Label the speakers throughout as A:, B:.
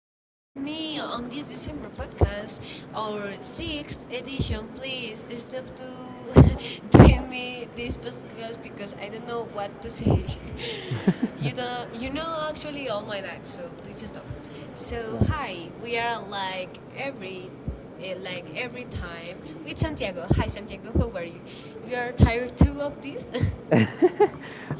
A: staying with me on this December podcast, our sixth edition. Please stop to doing me this podcast because I don't know what to say. you don't, actually, all my life. So please stop. So hi, we are like every. Like every time with Santiago. Hi Santiago, how are you? You are tired too of this?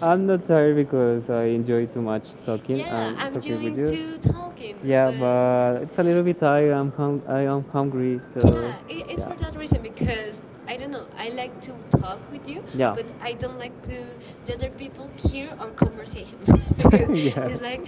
B: I'm not tired because I enjoy too much
A: yeah,
B: talking. um,
A: I'm doing too talking,
B: but-
A: but
B: but it's a little bit tired. I am hungry.
A: Yeah, it's for that reason because I don't know. I like to talk with you, but I don't like to the other people hear our conversations because it's like,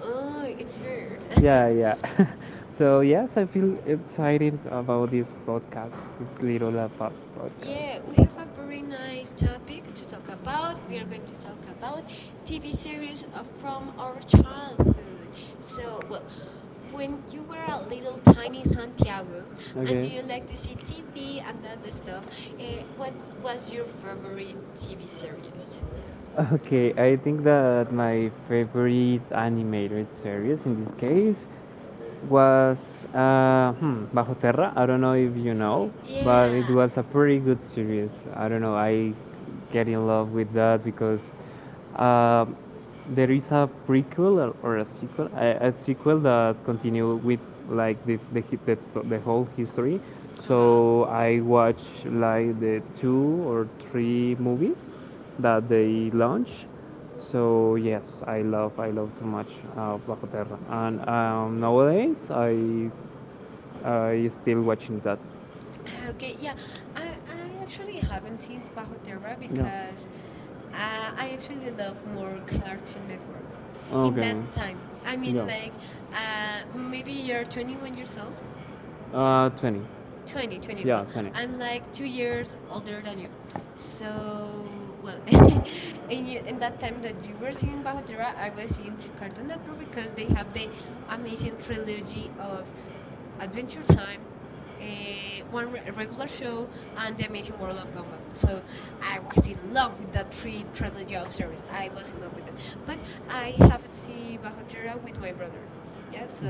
A: oh, it's weird.
B: Yeah, yeah. So yes, I feel excited about this podcast, this little fast.
A: Yeah,
B: Yeah.
A: we have a very nice topic to talk about. We are going to talk about TV series from our childhood. So, well, when you were a little tiny Santiago and you like to see TV and other stuff, uh, what was your favorite TV series?
B: Okay, I think that my favorite animated series in this case was Bajo Terra. I don't know if you know, but it
A: Yeah.
B: was a pretty good series. I don't know. I get in love with that because uh, there is a prequel or a sequel, a sequel that continue with like the the whole history.
A: Uh-huh.
B: So I watch like the two or three movies that they launch. So yes, I love too much Bajo Terra, and nowadays I still watching that.
A: Ah, okay,
B: Ah,
A: yeah. I actually haven't seen Pajotera because I actually love more Cartoon Network in that time. I mean, like, maybe you're 21 years old,
B: 20. 20.
A: 20, 20. Well, I'm like 2 years older than you. So, well, in that time that you were seeing Bajo Tierra, I was seeing Cartoon Network because they have the amazing trilogy of Adventure Time, regular show, and The Amazing World of Gumball. So I was in love with that three trilogy of series. I was in love with it. But I haven't seen Bajo Tierra with my brother. Yeah, so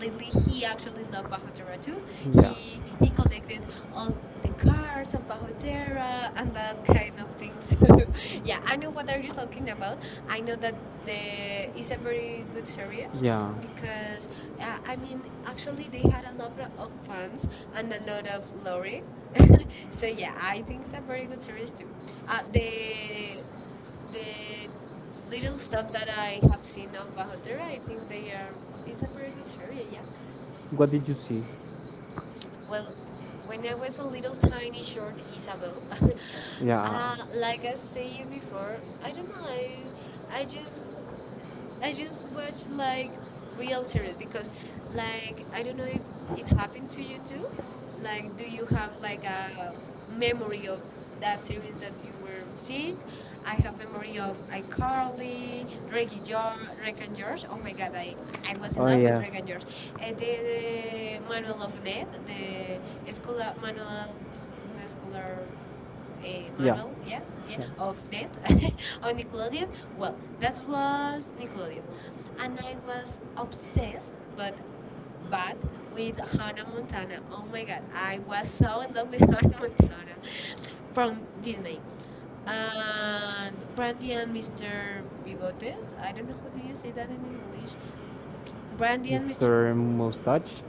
A: lately he actually loved Pajotera too. He collected all the cards of Pajotera and that kind of things. yeah, I know what are you talking about. I know that the is a very good series
B: Yeah.
A: because I mean actually they had a lot of fans and a lot of lore. so yeah, I think it's a very good series too. Uh, the the little stuff that I have seen of Bahoter, I think they are, it's a pretty good area, yeah.
B: What did you see?
A: Well, when I was a little tiny short Isabel,
B: Yeah.
A: like I say you before, I don't know, I just I just watch like real series because, like, I don't know if it happened to you too. Like, do you have like a memory of that series that you were seeing? I have memory of iCarly, Drake and George. Drake and George. Oh my God, I was in
B: Oh.
A: love with Drake and George. The Manual of Ned, the escolar manual, no escolar
B: Yeah.
A: Manuel, yeah, yeah, of Net on Nickelodeon. Well, that was Nickelodeon, and I was obsessed, but with Hannah Montana. Oh my God, I was so in love with Hannah Montana from Disney. And Brandy and Mr. Bigotes. I don't know how do you say that in English. Brandy and Mr.
B: Mr. Mustache.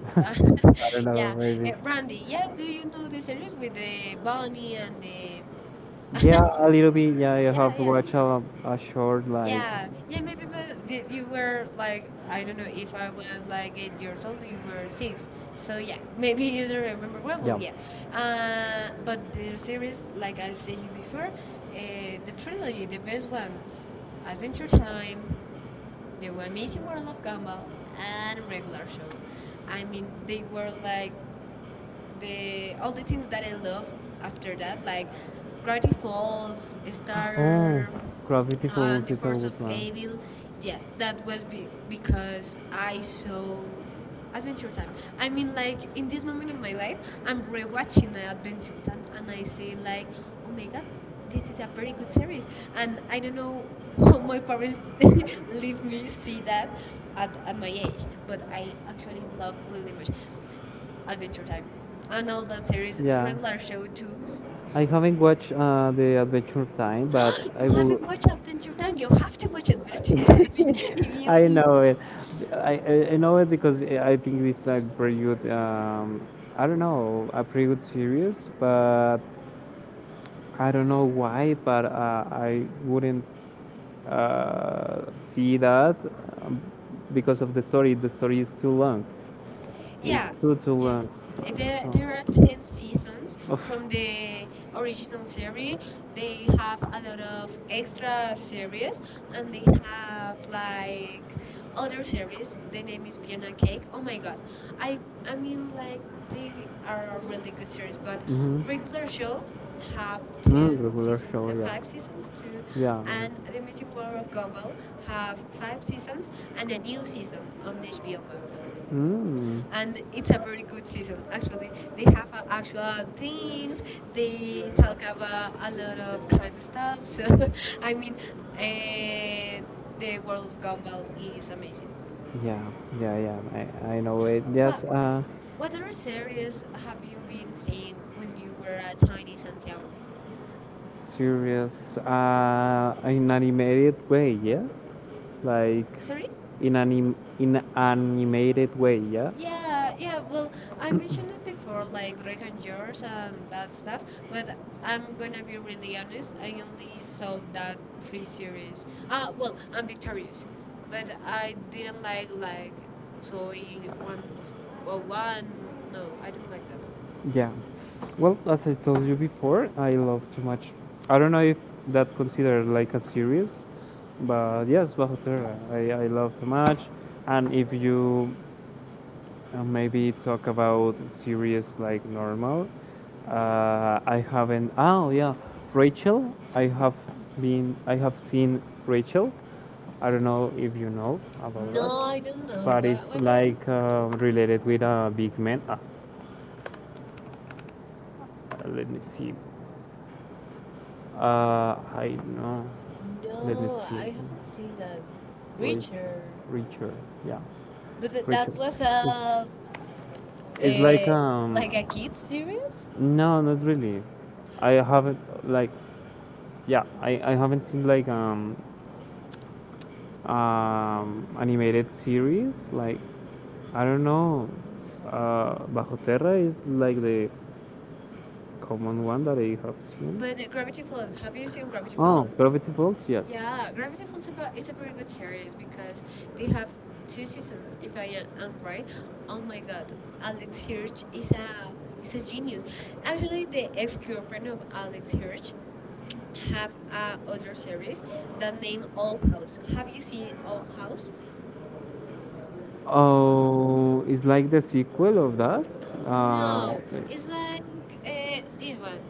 B: I don't
A: yeah, Brandy. Yeah, do you know the series with the bunny and the
B: the? Yeah, a little bit. Yeah, I
A: Yeah, yeah,
B: a short like.
A: yeah, yeah. Maybe but did you were like I don't know if I was like 8 years old, you were six. So yeah, maybe you don't remember well. Yeah, but the series, like I say you before, the trilogy, the best one, Adventure Time, The Amazing World of Gumball, and Regular Show. I mean, they were like the all the things that I love after that, like Gravity Falls, Star
B: Gravity.
A: on the 4th of April. Yeah, that was because I saw Adventure Time. I mean, like, in this moment of my life, I'm rewatching Adventure Time and I say, like, oh my god, this is a very good series. And I don't know how my parents leave me see that at my age, but I actually love really much Adventure Time and all that series,
B: Yeah.
A: Regular Show too.
B: I haven't watched the Adventure Time, but oh, I
A: You
B: you have will
A: haven't watched
B: to.
A: Adventure Time. You have to watch Adventure Time.
B: It's really good.
A: If you
B: I know it. I know it because I think it's a pretty good. I don't know, a pretty good series, but I don't know why. But I wouldn't uh, see that um, because of the story. The story is too long
A: Yeah,
B: good to
A: yeah. Uh,
B: learn.
A: There, there are 10 seasons
B: Oof.
A: from the original series. They have a lot of extra series, and they have like other series. The name is Fiona and Cake. Oh my god, I mean like they are a really good series, but
B: Mhm.
A: Regular Show have 10 season, five seasons too,
B: Yeah.
A: and The Amazing World of Gumball have five seasons and a new season on HBO Max
B: Mm.
A: and it's a very good season actually they have actual things they talk about a lot of kind of stuff so I mean uh, the world of Gumball is amazing.
B: Yeah, yeah. I know it.
A: what
B: uh,
A: what other series have you been seeing when you were at tiny Santiago?
B: serious. In animated way, yeah. Like
A: Sorry.
B: in anim in animated way, yeah.
A: Yeah, yeah. Well, I mentioned it before, like Drake and George and that stuff. But I'm gonna be really honest. I only saw that three series. Ah, well, I'm Victorious, but I didn't like Soy one's well one. No, I didn't like that.
B: Yeah. Well, as I told you before, I love too much. I don't know if that considered like a series, but yes, Bajo I love too much. And if you maybe talk about series like normal, I haven't. Oh yeah, Rachel. I have been. I have seen Rachel. I don't know if you know about
A: No, I don't
B: that,
A: know.
B: but
A: What
B: it's
A: what are?
B: like related with a big man. Ah, let me see. I know. Let me
A: No,
B: see.
A: I haven't seen that.
B: What is
A: Richard,
B: Richard? Yeah,
A: but that
B: Richard.
A: was
B: It's,
A: a,
B: it's like
A: a
B: um.
A: like a kid series.
B: No, not really. I haven't like yeah, I haven't seen like um animated series like I don't know. Bajo Terra is like the common one that I have seen.
A: But Gravity Falls, have you seen Gravity Falls?
B: Oh, Gravity Falls, yes.
A: Yeah, Gravity Falls is a very good series because they have two seasons, if I am right. Oh my god, Alex Hirsch is a genius. Actually, the ex-girlfriend of Alex Hirsch have a other series that name Old House. Have you seen Old House?
B: Oh, it's like the sequel of that.
A: No, it's like this one,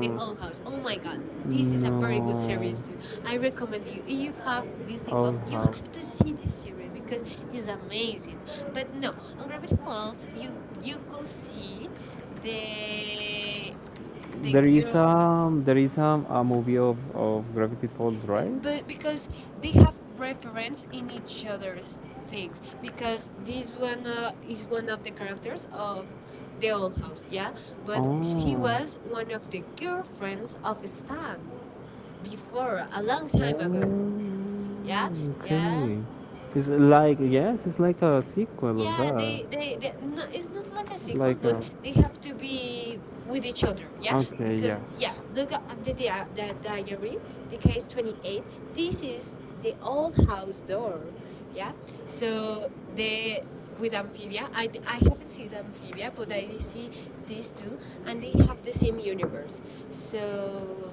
A: The Old House. Oh
B: old.
A: my God, this is a very good series too. I recommend you. If you have Disney Plus, you have to see this series because it's amazing. But no, on Gravity Falls, you could see the the
B: There is
A: girl.
B: a movie of Gravity Falls, right?
A: But because they have reference in each other's things because this one is one of the characters of the Old House, yeah? But she was one
B: Oh.
A: of the girlfriends of Stan before, a long time ago, yeah, yeah.
B: Oh, it's like yes, it's like a sequel.
A: Yeah, they no, it's not like a sequel, but they have to be with each other, yeah?
B: Okay,
A: Because yeah,
B: because
A: look at the diary, the case 28. This is the Old House door, yeah? So they with Amphibia, I haven't seen Amphibia, but I see these two, and they have the same universe. So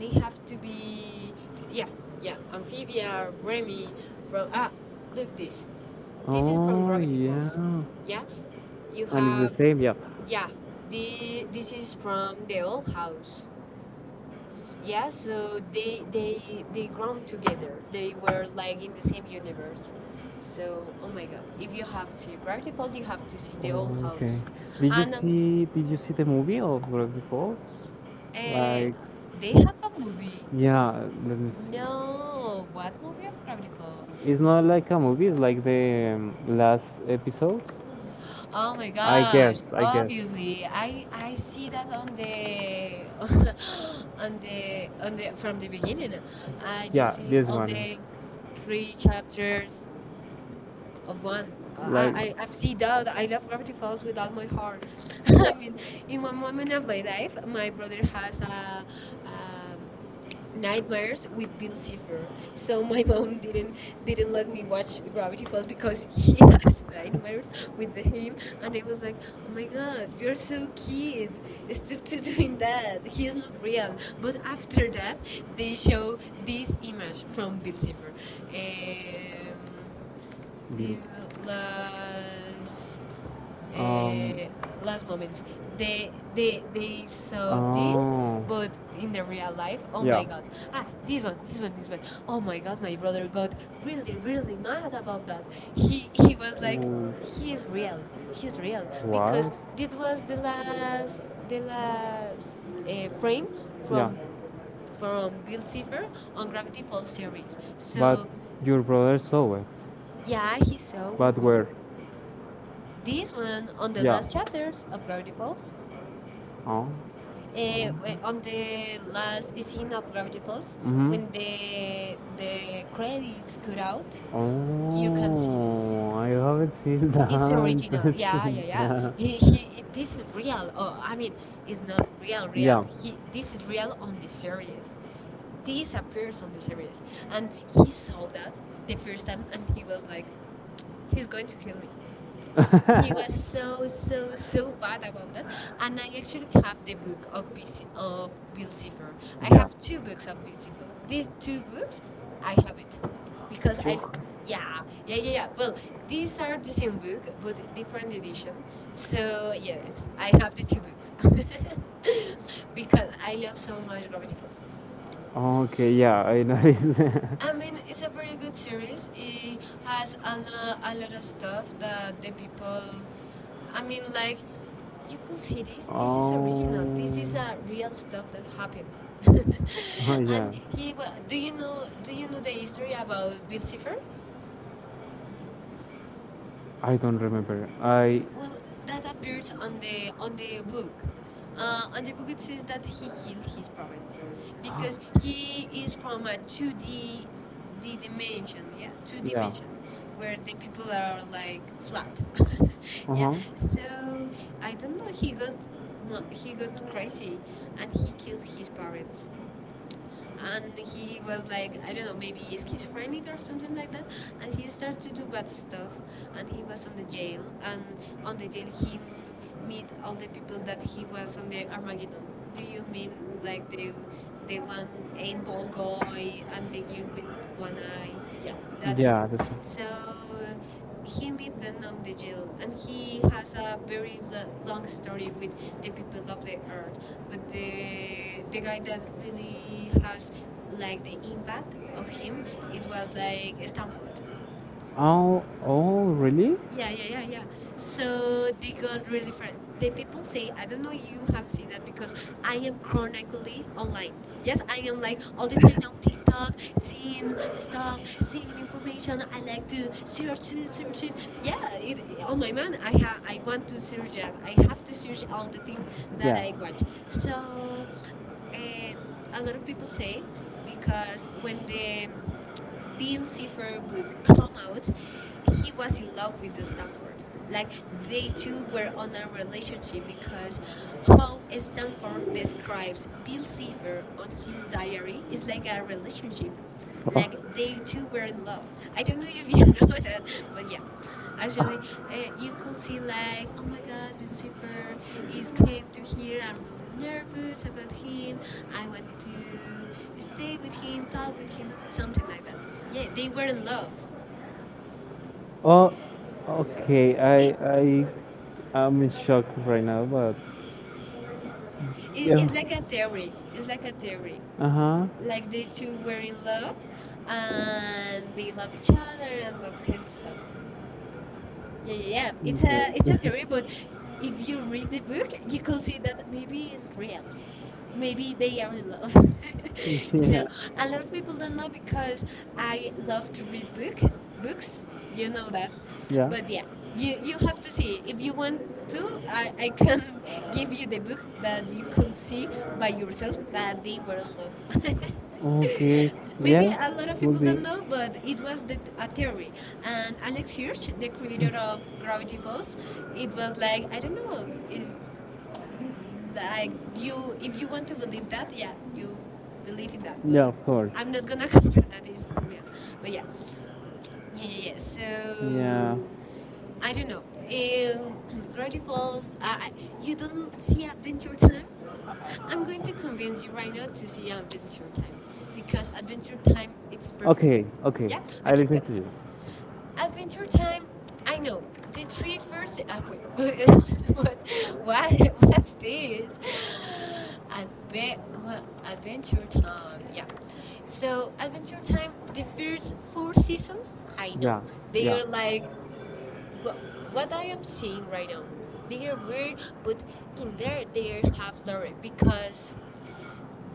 A: they have to be, yeah, yeah, Amphibia, Remy from look this. This is
B: is
A: from Gravity Falls.
B: yeah,
A: Yeah, you have
B: same. Yeah.
A: yeah. The this is from the Old House. Yeah, so they grown together. They were like in the same universe. So oh my god, if you have seen Gravity Falls, you have to see the Old House.
B: Did
A: And
B: see? Did you see the movie of Gravity Falls?
A: uh, they have a movie.
B: Yeah, let me.
A: No, what movie of Gravity Falls?
B: It's not like a movie. It's like the last episode.
A: Oh my gosh. Obviously, I see that on the on the from the beginning. I just see all the three chapters of one. I've seen that. I love Gravity Falls with all my heart. I mean, in one moment of my life, my brother has um, nightmares with Bill Cipher. So my mom didn't let me watch Gravity Falls because he has nightmares with the him, and I was like, oh my god, you're so kid, stop to doing that. He's not real. But after that, they show this image from Bill Cipher. Um, eh, las eh, last moments they saw this
B: Oh.
A: but in the real life oh my god this one this one this one! Oh my god my brother got really really mad about that he was like he's real he's real because this was the last frame from from Bill Cipher on Gravity Falls series
B: So,
A: so
B: your brother saw it.
A: yeah he saw
B: But
A: with me.
B: where?
A: This one on the last chapters of Gravity Falls.
B: Oh,
A: On the last scene of Gravity Falls,
B: mhm.
A: when the credits cut out, you can see this.
B: I haven't seen
A: It's
B: it's
A: original. Yeah, yeah, yeah. He,
B: interesting.
A: he, it- this is real. Oh, I mean, it's not real, real. This is real on the series. This appears on the series, and he saw that the first time, and he was like, "He's going to kill me."
B: He.
A: He was so so
B: Yeah.
A: so bad about that, and I actually have the book of BC, of Bill Cipher. I have two books of Bill Cipher. These two books, I have it because yeah yeah yeah yeah. Well, these are the same book but different edition. So yes, I have the two books because I love so much Gravity Falls.
B: Okay, yeah, I noticed. People.
A: I mean, it's a very good series. It has a, a lot of stuff that the people. I mean, like, you could see this. This is original. This is a real stuff that happened. and he. Wa do you know? Do you know the history about Bill Cipher?
B: I don't remember. I.
A: Well, that appears on the book. On the book, it says that he killed his parents because he is from a two D dimension, yeah, two dimension, where the people are like flat,
B: Names. Uh
A: yeah.
B: huh.
A: So I don't know. He got he got crazy, and he killed his parents, and he was like, I don't know, maybe schizophrenic or something like that, and he started to do bad stuff, and he was on the jail, and on the jail he meet all the people that he was on the Armageddon. Do you mean like the one eight ball guy and the girl with one eye? Yeah, that people.
B: Yeah. That's.
A: So he meet the Nam de Jil, and he has a very long story with the people of the earth. But the guy that really has like the impact of him, it was like Stanford.
B: Oh. Oh. Really?
A: Yeah, yeah, yeah, yeah. So they got really friend. The people say, I don't know you have seen that because I am chronically online. Yes, I am like all the time on TikTok, seeing stuff, seeing information. I like to search this, search this. Yeah, it, on my mind, I I want to search that. I have to search all the things that I watch. So eh, a lot of people say, because when the Bill Cipher book came out, he was in love with the Stanford. Like they two were on a relationship, because how Stanford describes Bill Cipher on his diary is like a relationship. Like they two were in love. I don't know if you know that, but yeah. Actually, you could see like, oh my God, Lucifer is came to here. I'm really nervous about him. I want to stay with him, talk with him, something like that. Yeah, they were in love.
B: Oh, okay.
A: It,
B: I I'm in shock right now, but
A: it's like a theory. It's like a theory.
B: uh huh.
A: Like they two were in love, and they love each other and that kind of stuff. Yeah, yeah, yeah.
B: Yeah.
A: It's a theory, but if you read the book, you could see that maybe it's real. Maybe they are in love. So
B: yeah.
A: a lot of people don't know because I love to read books. You know that, but yeah, you have to see if you want to. I can give you the book that you could see by yourself that they were in love.
B: Okay.
A: Maybe a lot of people don't know, but it was a theory. And Alex Hirsch, the creator of Gravity Falls, it was like, I don't know, is like, you if you want to believe that, yeah, you believe in that. But
B: Yeah, of course.
A: I'm not gonna confirm that is real. But yeah, yeah, yeah, yeah. So I don't know. Um, Gravity Falls. You don't see Adventure Time. I'm going to convince you right now to see Adventure Time, because Adventure Time it's perfect.
B: Okay.
A: Yeah.
B: I
A: Okay.
B: listen to you.
A: Adventure Time. I know the three first. Ah, wait. What? What? What's this? Adve- wha- Adventure Time. Yeah. So Adventure Time, the first four seasons. I know
B: Yeah.
A: they are like, what, what I am seeing right now. They are weird, but in there they have Lori, because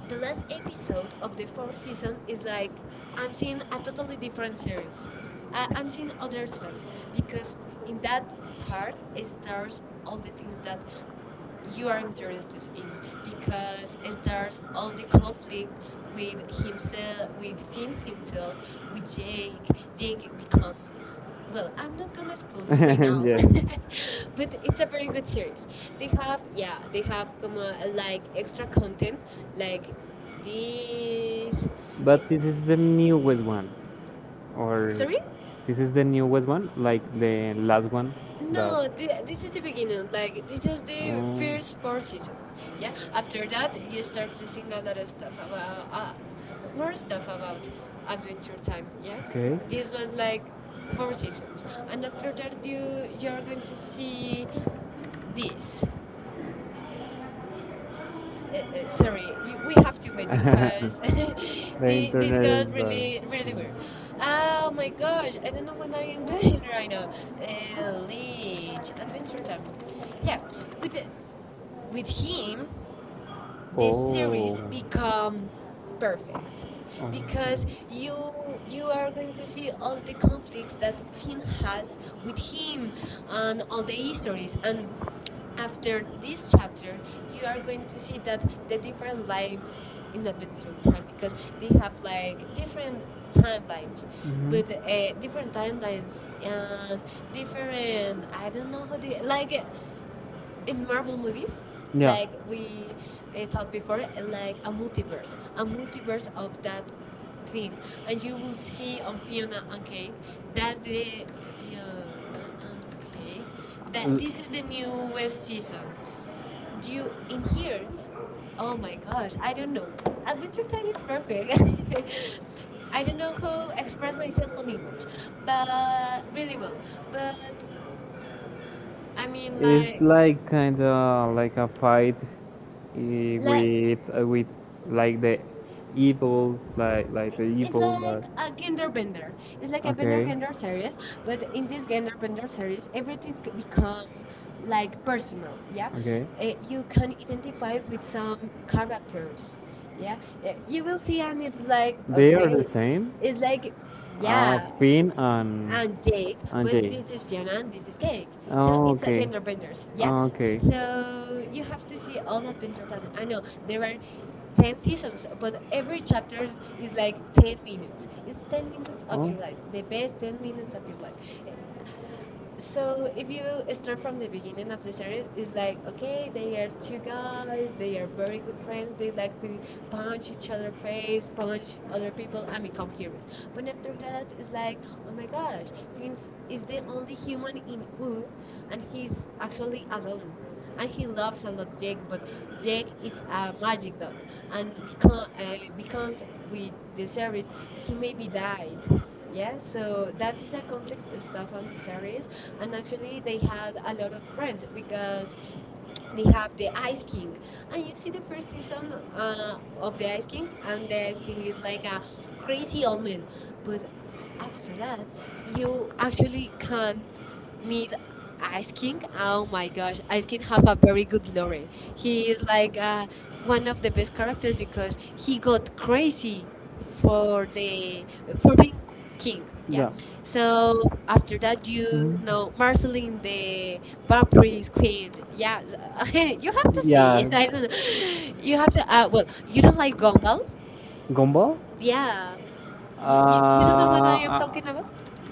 A: the last episode of the fourth season is like, I'm seeing a totally different series. I'm seeing other stuff because in that part it starts all the things that you are interested in, because it starts all the conflict with himself, with Finn himself, with Jake. Jake become, well, I'm not gonna spoil you right now, but it's a very good series. They have, yeah, they have come like extra content, like this. eh,
B: But this is the newest one. Or
A: Sorry.
B: this is the newest one, like the last one.
A: No, this is the beginning. Like this is the first four seasons. Yeah. After that, you start to seeing a lot of stuff about more stuff about Adventure Time. Yeah.
B: Okay.
A: This was like four seasons, and after that, you're going to see this sorry, you, we have to wait because this got really, really weird.
B: This
A: Oh my gosh, I don't know what I am doing right now. Leech, Adventure Time. Yeah, with the, with him. This
B: series.
A: series become perfect, because you are going to see all the conflicts that Finn has with him, and all the histories, and after this chapter you are going to see that the different lives in adventure time, because they have like different timelines, but
B: Mhm.
A: different timelines and different, I don't know how to, like in Marvel movies, like we talked before, like a multiverse, of that thing, and you will see on Fiona and Cake. That's the Fiona and Cake. That this is the newest season. You in here? Oh my gosh, I don't know. Adventure Time is perfect. I don't know who expressed myself on English, but really well. But I mean, like,
B: Like kind of like a fight, like with like the evil like the it's
A: it's like a gender bender. It's like a bender gender series, but in this gender bender series, everything become like personal. Yeah.
B: okay,
A: You can identify with some characters. Yeah. You will see, and it's like,
B: okay,
A: okay,
B: same.
A: it's like, yeah,
B: Finn and
A: and Jake, but
B: Jake.
A: this is Fiona and this is Cake. So it's like Enderbenders, yeah? So you have to see all that Adventure Time. I know there are 10 seasons, but every chapter is like 10 minutes. It's 10 minutes of your life, the best 10 minutes of your life. So if you start from the beginning of the series, it's like, okay, they are two guys, they are very good friends, they like to punch each other face, punch other people, and become heroes. But after that, it's like, oh my gosh, Vince is the only human in U, and he's actually alone, and he loves a lot Jake, but Jake is a magic dog, and because with the series he maybe died. Yeah, so that is a conflict stuff on the series, and actually they had a lot of friends, because we have the Ice King, and you see the first season uh, of the Ice King, and the Ice King is like a crazy old man. But after that, you actually can't meet Ice King. Oh my gosh, Ice King have a very good lore. He is like one of the best characters because he got crazy for the for being king, yeah.
B: Yeah.
A: So after that you know Marceline the vampire queen, yeah. You have to see it. I don't know, you have to, well, you don't like Gumball,
B: Gumball?
A: yeah. You don't know what I am talking
B: Yeah,
A: about,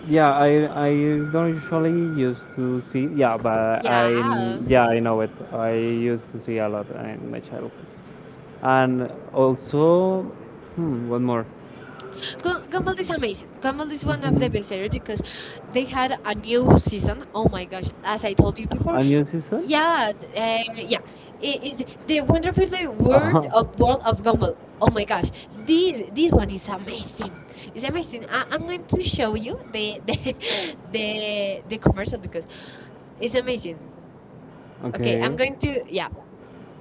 B: yeah, I don't usually used to see. Yeah, but I
A: yeah.
B: yeah I know it. I used to see a lot in my childhood, and also hmm, one more.
A: Gumball is amazing. Gumball is one of the
B: Mhm.
A: best series because they had a new season. Oh my gosh! As I told you before,
B: A new season?
A: yeah, yeah, it is the wonderfully world of Gumball. Oh my gosh, this one is amazing. It's amazing. I'm going to show you the the, the commercial because it's amazing. Okay,
B: Okay,
A: I'm
B: okay,
A: going to, yeah,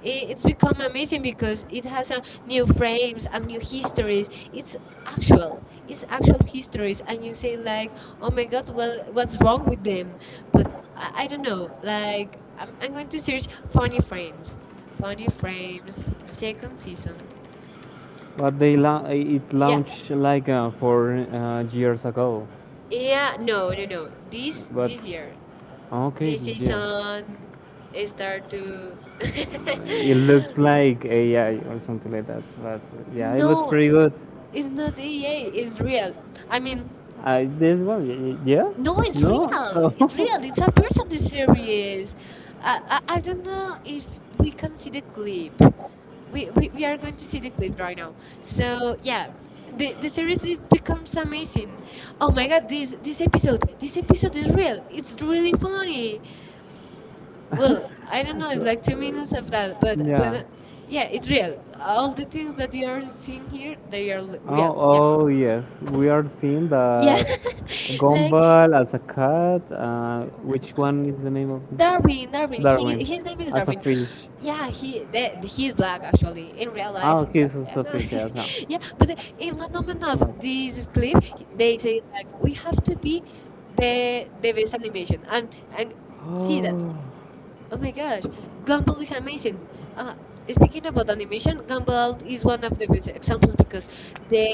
A: it's become amazing because it has a new frames and new histories, actual it's actual histories, and you say like, oh my god, well, what's wrong with them? But I don't know, like, I'm going to search funny frames second season,
B: but it
A: yeah,
B: launched like four years ago,
A: yeah, no, no, no, this
B: but
A: this year,
B: okay
A: this
B: year.
A: season it start to
B: It looks like AI or something like that, but yeah, it looks
A: no.
B: pretty no, good.
A: It's not EA, it's real. I mean,
B: This one, yes?
A: no, it's
B: No?
A: real.
B: Oh.
A: It's real. It's a person, the series. I don't know if we can see the clip. We are going to see the clip right now. So, yeah. The series it becomes amazing. Oh my god, this episode is real. It's really funny. Well, I don't know, it's like two
B: Do
A: minutes of that, but
B: yeah.
A: yeah, it's real. All the things that you are seeing here, they are real.
B: Oh,
A: Yeah.
B: oh yes. We are seeing
A: Yeah,
B: yeah, that
A: like
B: Gumball as a cat. Which one is the name of the
A: Darwin, Darwin. He
B: Darwin
A: his name is
B: as a
A: Darwin.
B: fish?
A: Yeah, he's black actually. In real life,
B: Oh,
A: he's black.
B: he's
A: Yeah,
B: also a
A: no,
B: fish as well. See
A: yeah,
B: that.
A: but in one moment of this clip, they say like, we have to be the best animation, and see that.
B: Oh,
A: Oh my gosh, Gumball is amazing. Uh, Speaking about animation, Gumball is one of the best examples because they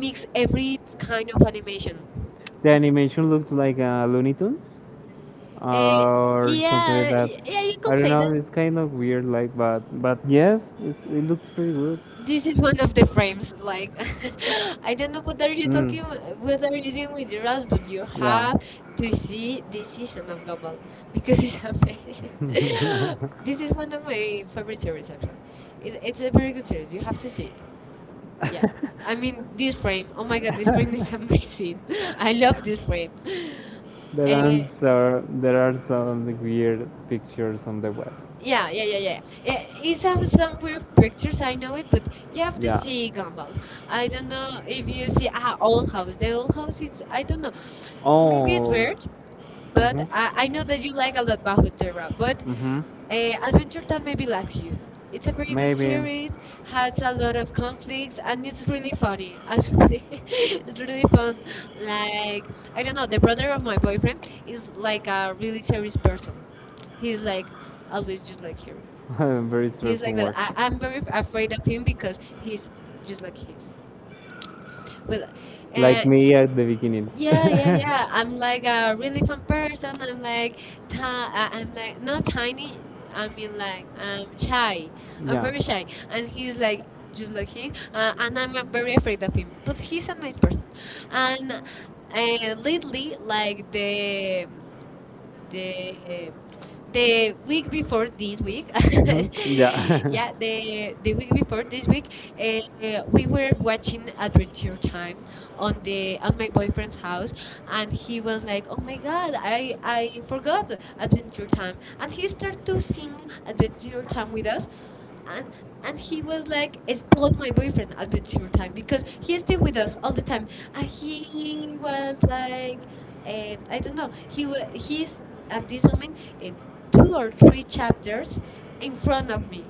A: mix every kind of animation.
B: the animation looks like Looney Tunes
A: Eh,
B: or something like
A: yeah,
B: that.
A: yeah, you can
B: I don't
A: say
B: know.
A: that
B: It's kind of weird, like, but yes, it's, it looks pretty good.
A: this is one of the frames. Like, I don't know what are you talking, what
B: Mm,
A: are you doing with your ass, but you
B: yeah.
A: have to see this season of Gumball because it's amazing. This is one of my favorite series, actually. It's a very good series. You have to see it. Yeah, I mean this frame. Oh my god, this frame is amazing. I love this frame.
B: There
A: Eh.
B: answer. There are some weird pictures on the web.
A: Yeah, yeah, yeah, yeah. Yeah, it's have some weird pictures, I know it, but you have to
B: Yeah.
A: see Gumball. I don't know if you see Old House. The Old House is, I don't know. Maybe it's
B: Oh.
A: weird, but
B: Mhm.
A: I know that you like a lot Terra. But
B: Mhm.
A: Adventure Time maybe lacks you. It's a
B: A
A: very good
B: maybe.
A: series, has a lot of conflicts, and it's really funny, actually. It's really fun. Like, I don't know, the brother of my boyfriend is like a really serious person. He's like always just like her.
B: Sorry. Very just
A: He's like that.
B: straightforward.
A: I'm very afraid of him because he's just like his. Well, uh,
B: Like me
A: he,
B: at the beginning.
A: yeah, yeah, yeah. I'm like a really fun person. I'm like, I'm like not tiny. I mean, like, I'm shy. I'm
B: Yeah.
A: very shy, and he's like just like him. And I'm very afraid of him. But he's a nice person, and lately, like the the week before this week.
B: Mm-hmm.
A: Yeah,
B: Yeah.
A: the week before this week, we were watching Adventure Time on the on my boyfriend's house, and he was like, "Oh my god, I forgot Adventure Time," and he started to sing Adventure Time with us. And and he was like, "Is my boyfriend a bit your time," because he stayed with us all the time, and he was like, I don't know. He's at this moment uh, two or three chapters in front of me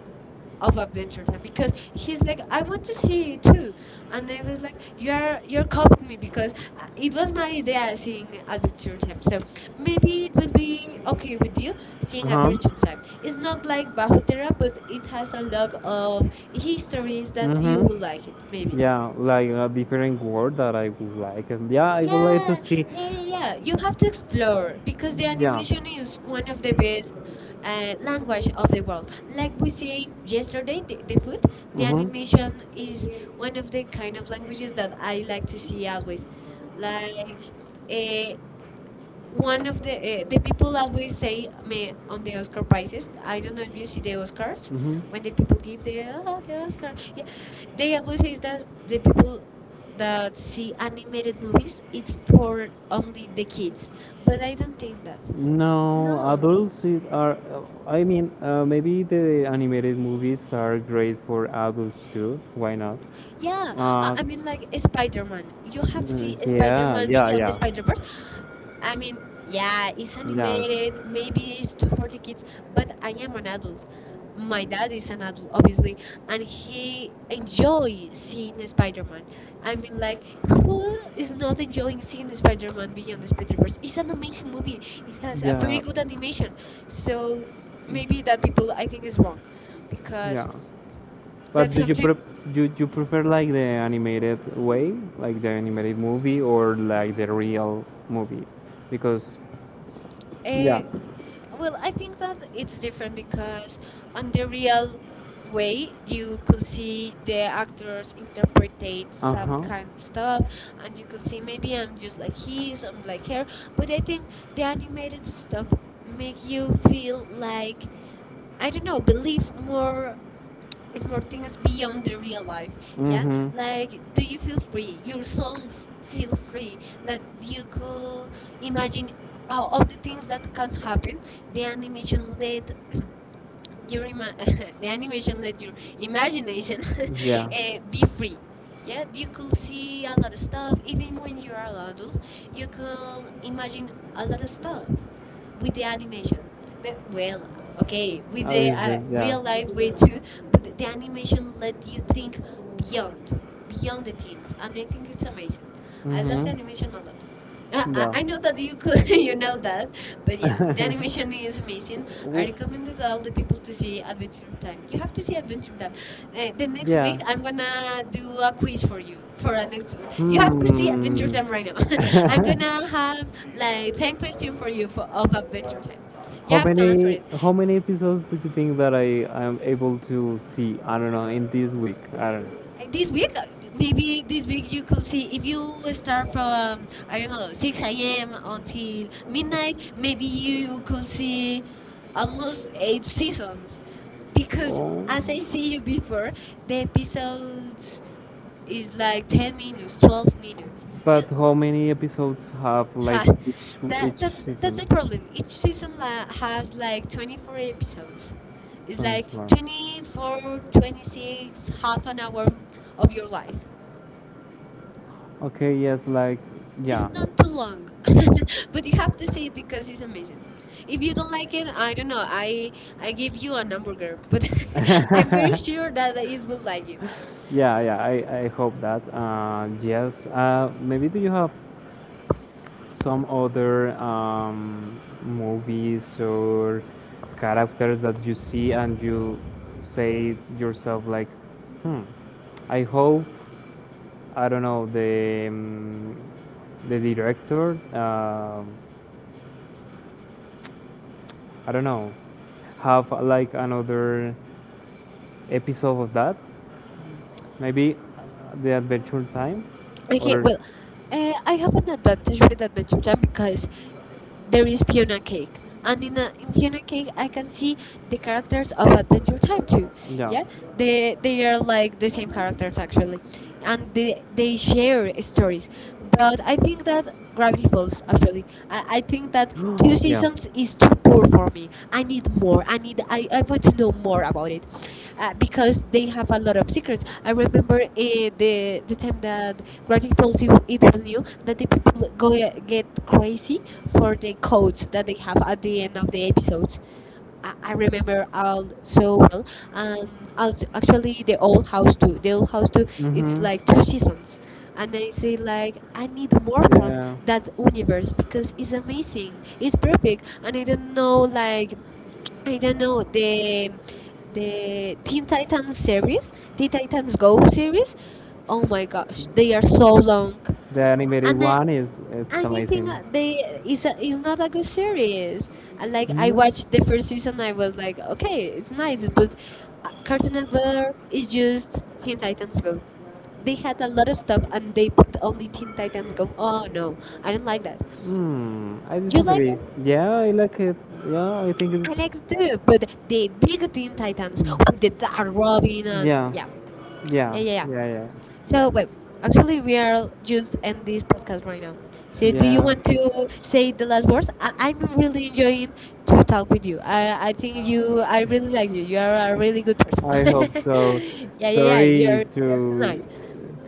A: of Adventure Time because he's like, I want to see it too. And I was like, you're copying me, because it was my idea seeing Adventure Time. So maybe it will be okay with you
B: Uh
A: seeing
B: huh.
A: Adventure Time. It's not like Bahutera, but it has a lot of histories that you will
B: Mm-hmm.
A: like it maybe.
B: Yeah, like a different word that I would like. And yeah, I would
A: Yeah,
B: like to
A: yeah,
B: see.
A: yeah, yeah. You have to explore because the
B: Yeah.
A: animation is one of the best language of the world. Like we say yesterday, the food, the
B: Mhm.
A: animation is one of the kind of languages that I like to see always. Like, uh, one of the people that we say me on the Oscar prizes. I don't know if you see the Oscars
B: Mhm.
A: when the people give the oh the Oscar. Yeah, they always say that the people that see animated movies it's for only the kids, but I don't think that.
B: No, no
A: No.
B: adults it are. I mean, maybe the animated movies are great for adults too. Why not?
A: Yeah,
B: Uh,
A: I mean, like Spider-Man. You have
B: uh,
A: seen
B: yeah,
A: Spider-Man
B: yeah,
A: Beyond the
B: yeah,
A: Spider-Verse. I mean, yeah, it's
B: yeah.
A: animated. Maybe it's too for the kids, but I am an adult. My dad is an adult, obviously, and he enjoy seeing the Spider-Man. I mean, like, who is not enjoying seeing the Spider-Man Beyond the Spider-Verse? It's an amazing movie. It has a
B: Yeah,
A: very good animation. So maybe that people, I think, is wrong, because
B: yeah. But
A: that's something.
B: do you prefer like the animated way, like the animated movie, or like the real movie? Because yeah,
A: Uh, well, I think that it's different because on the real way you could see the actors interpretate some
B: uh-huh,
A: kind of stuff, and you could see maybe I'm just like his, I'm like her. But I think the animated stuff make you feel like, I don't know, believe more for things beyond the real life.
B: yeah,
A: Yeah,
B: mm-hmm,
A: like do you feel free your soul, feel free, that you could imagine all the things that can happen. The animation led your the animation let your imagination
B: yeah.
A: be free. Yeah, you could see a lot of stuff. Even when you are an adult, you can imagine a lot of stuff with the animation. Well, okay, with the real life way
B: Yeah,
A: too, but the animation let you think beyond, the things, and I think it's amazing. I love the
B: mm-hmm.
A: animation a lot. I
B: Yeah.
A: I know that you could, you know that, but yeah, the animation is amazing. I
B: W-
A: recommended all the people to see Adventure Time. You
B: You
A: have
B: have
A: to
B: to
A: see Adventure
B: build
A: Time.
B: them. Like,
A: The next
B: yeah.
A: week, I'm gonna do a quiz for you for a next. You have to see Adventure Time right now. I'm
B: Hmm.
A: gonna have like ten questions for you for of Adventure Time. You
B: How
A: have to answer
B: many
A: it.
B: how many episodes do you think that I am able to see? I don't know in this week. I don't know.
A: This week, maybe this week you could see if you start from I don't know 6 a.m. until midnight. Maybe you could see almost eight seasons, because
B: Oh.
A: as I see you before, the episodes is like 10 minutes, 12 minutes.
B: But how many episodes have like
A: Ha,
B: that
A: that
B: each
A: that's that's the
B: season?
A: problem. Each season has
B: Like
A: like 24 episodes. It's like
B: four.
A: 24, 26, half an hour of your life.
B: Okay, yes, like,
A: It's
B: yeah.
A: not too long, but you have to see it because it's amazing. If you don't like it, I don't know. I give you a hamburger, but I'm very
B: Yeah,
A: sure that it will like you.
B: yeah, I hope that. Yes, maybe do you have some other movies or characters that you see and you say yourself, like, hmm, I hope, I don't know, the director, I don't know, have like another episode of that. Maybe the Adventure Time
A: Okay,
B: or
A: well, I have an advantage with Adventure Time because there is Fiona Cake, and in Fiona Cake, I can see the characters of Adventure Time too. Yeah,
B: yeah.
A: they are like the same characters actually, and they share stories. But I think that Gravity Falls actually, I think that two seasons is too poor for me. I need more. I need. I want to know more about it, because they have a lot of secrets. I remember uh, the the time that Gravity Falls it was new, that the people go get crazy for the codes that they have at the end of the episodes. I remember all so well. Actually, the old house too. The old house too. It's
B: Hmm.
A: like two seasons, and I say like I need more from
B: Yeah,
A: that universe because it's amazing. It's perfect, and I don't know like I don't know the Teen Titans series, Teen Titans Go series. Oh my gosh, they are so long,
B: the
A: and
B: animated
A: I,
B: one is it's
A: anything
B: amazing.
A: they is is not a good series. Like I watched the first season, I was like, okay, it's nice, but Cartoon Network is just Teen Titans Go. They had a lot of stuff, and they put only Teen Titans Go. Oh no, I don't like that.
B: Hmm, I like
A: You liked
B: disagree.
A: it?
B: Yeah, I like it. Yeah, I think
A: I
B: it's
A: like too, but the big Teen Titans, with the Dark Robin, and
B: yeah,
A: yeah, yeah,
B: yeah,
A: yeah, yeah.
B: yeah,
A: So, well, actually, we are just in this podcast right now.
B: yeah.
A: So, do you want to say the last words? I'm really enjoying to talk with you. I think you. I really like you. You are a really good person.
B: I hope so.
A: Yeah, yeah, yeah.
B: Sorry
A: You're so nice.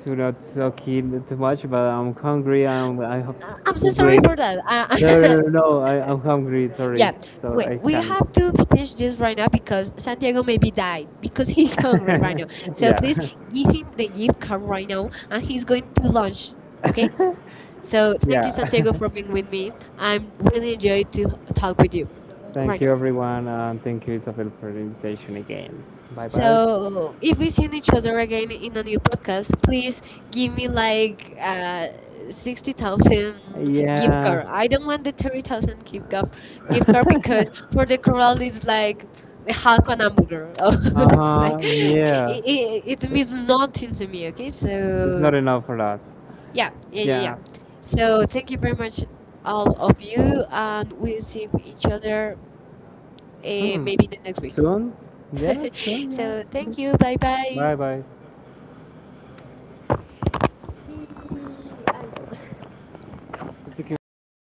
B: to not talking too much, but I'm hungry. I'm I hope
A: I'm so
B: to
A: sorry
B: sleep.
A: for that.
B: No, no, no, no, I'm hungry, sorry.
A: Yeah.
B: So
A: Wait, we have to finish this right now because Santiago maybe died because he's hungry right
B: I.
A: now. So please
B: Yeah.
A: give him the gift card right now, and he's going to lunch. Okay. So thank you,
B: Yeah.
A: Santiago, for being with me. I'm really enjoyed to talk with you right
B: Thank
A: now.
B: you, everyone, and thank you, Isabel, for the invitation again. Bye bye.
A: So if we see each other again in a new podcast, please give me like 60,000 gift
B: Yeah.
A: card. I don't want the 30,000 gift card because for the corral it's like half an hamburger.
B: Uh
A: It's like
B: huh. Yeah.
A: it means nothing to me. Okay,
B: It's not
A: so.
B: enough for us.
A: Yeah, yeah, yeah, yeah.
B: Yeah.
A: So thank you very much, all of you, and we'll see each other maybe the next week.
B: Soon? Yeah, soon, yeah.
A: So thank you. Bye
B: So,
A: bye.
B: bye bye.
A: See.
B: Así que me muero.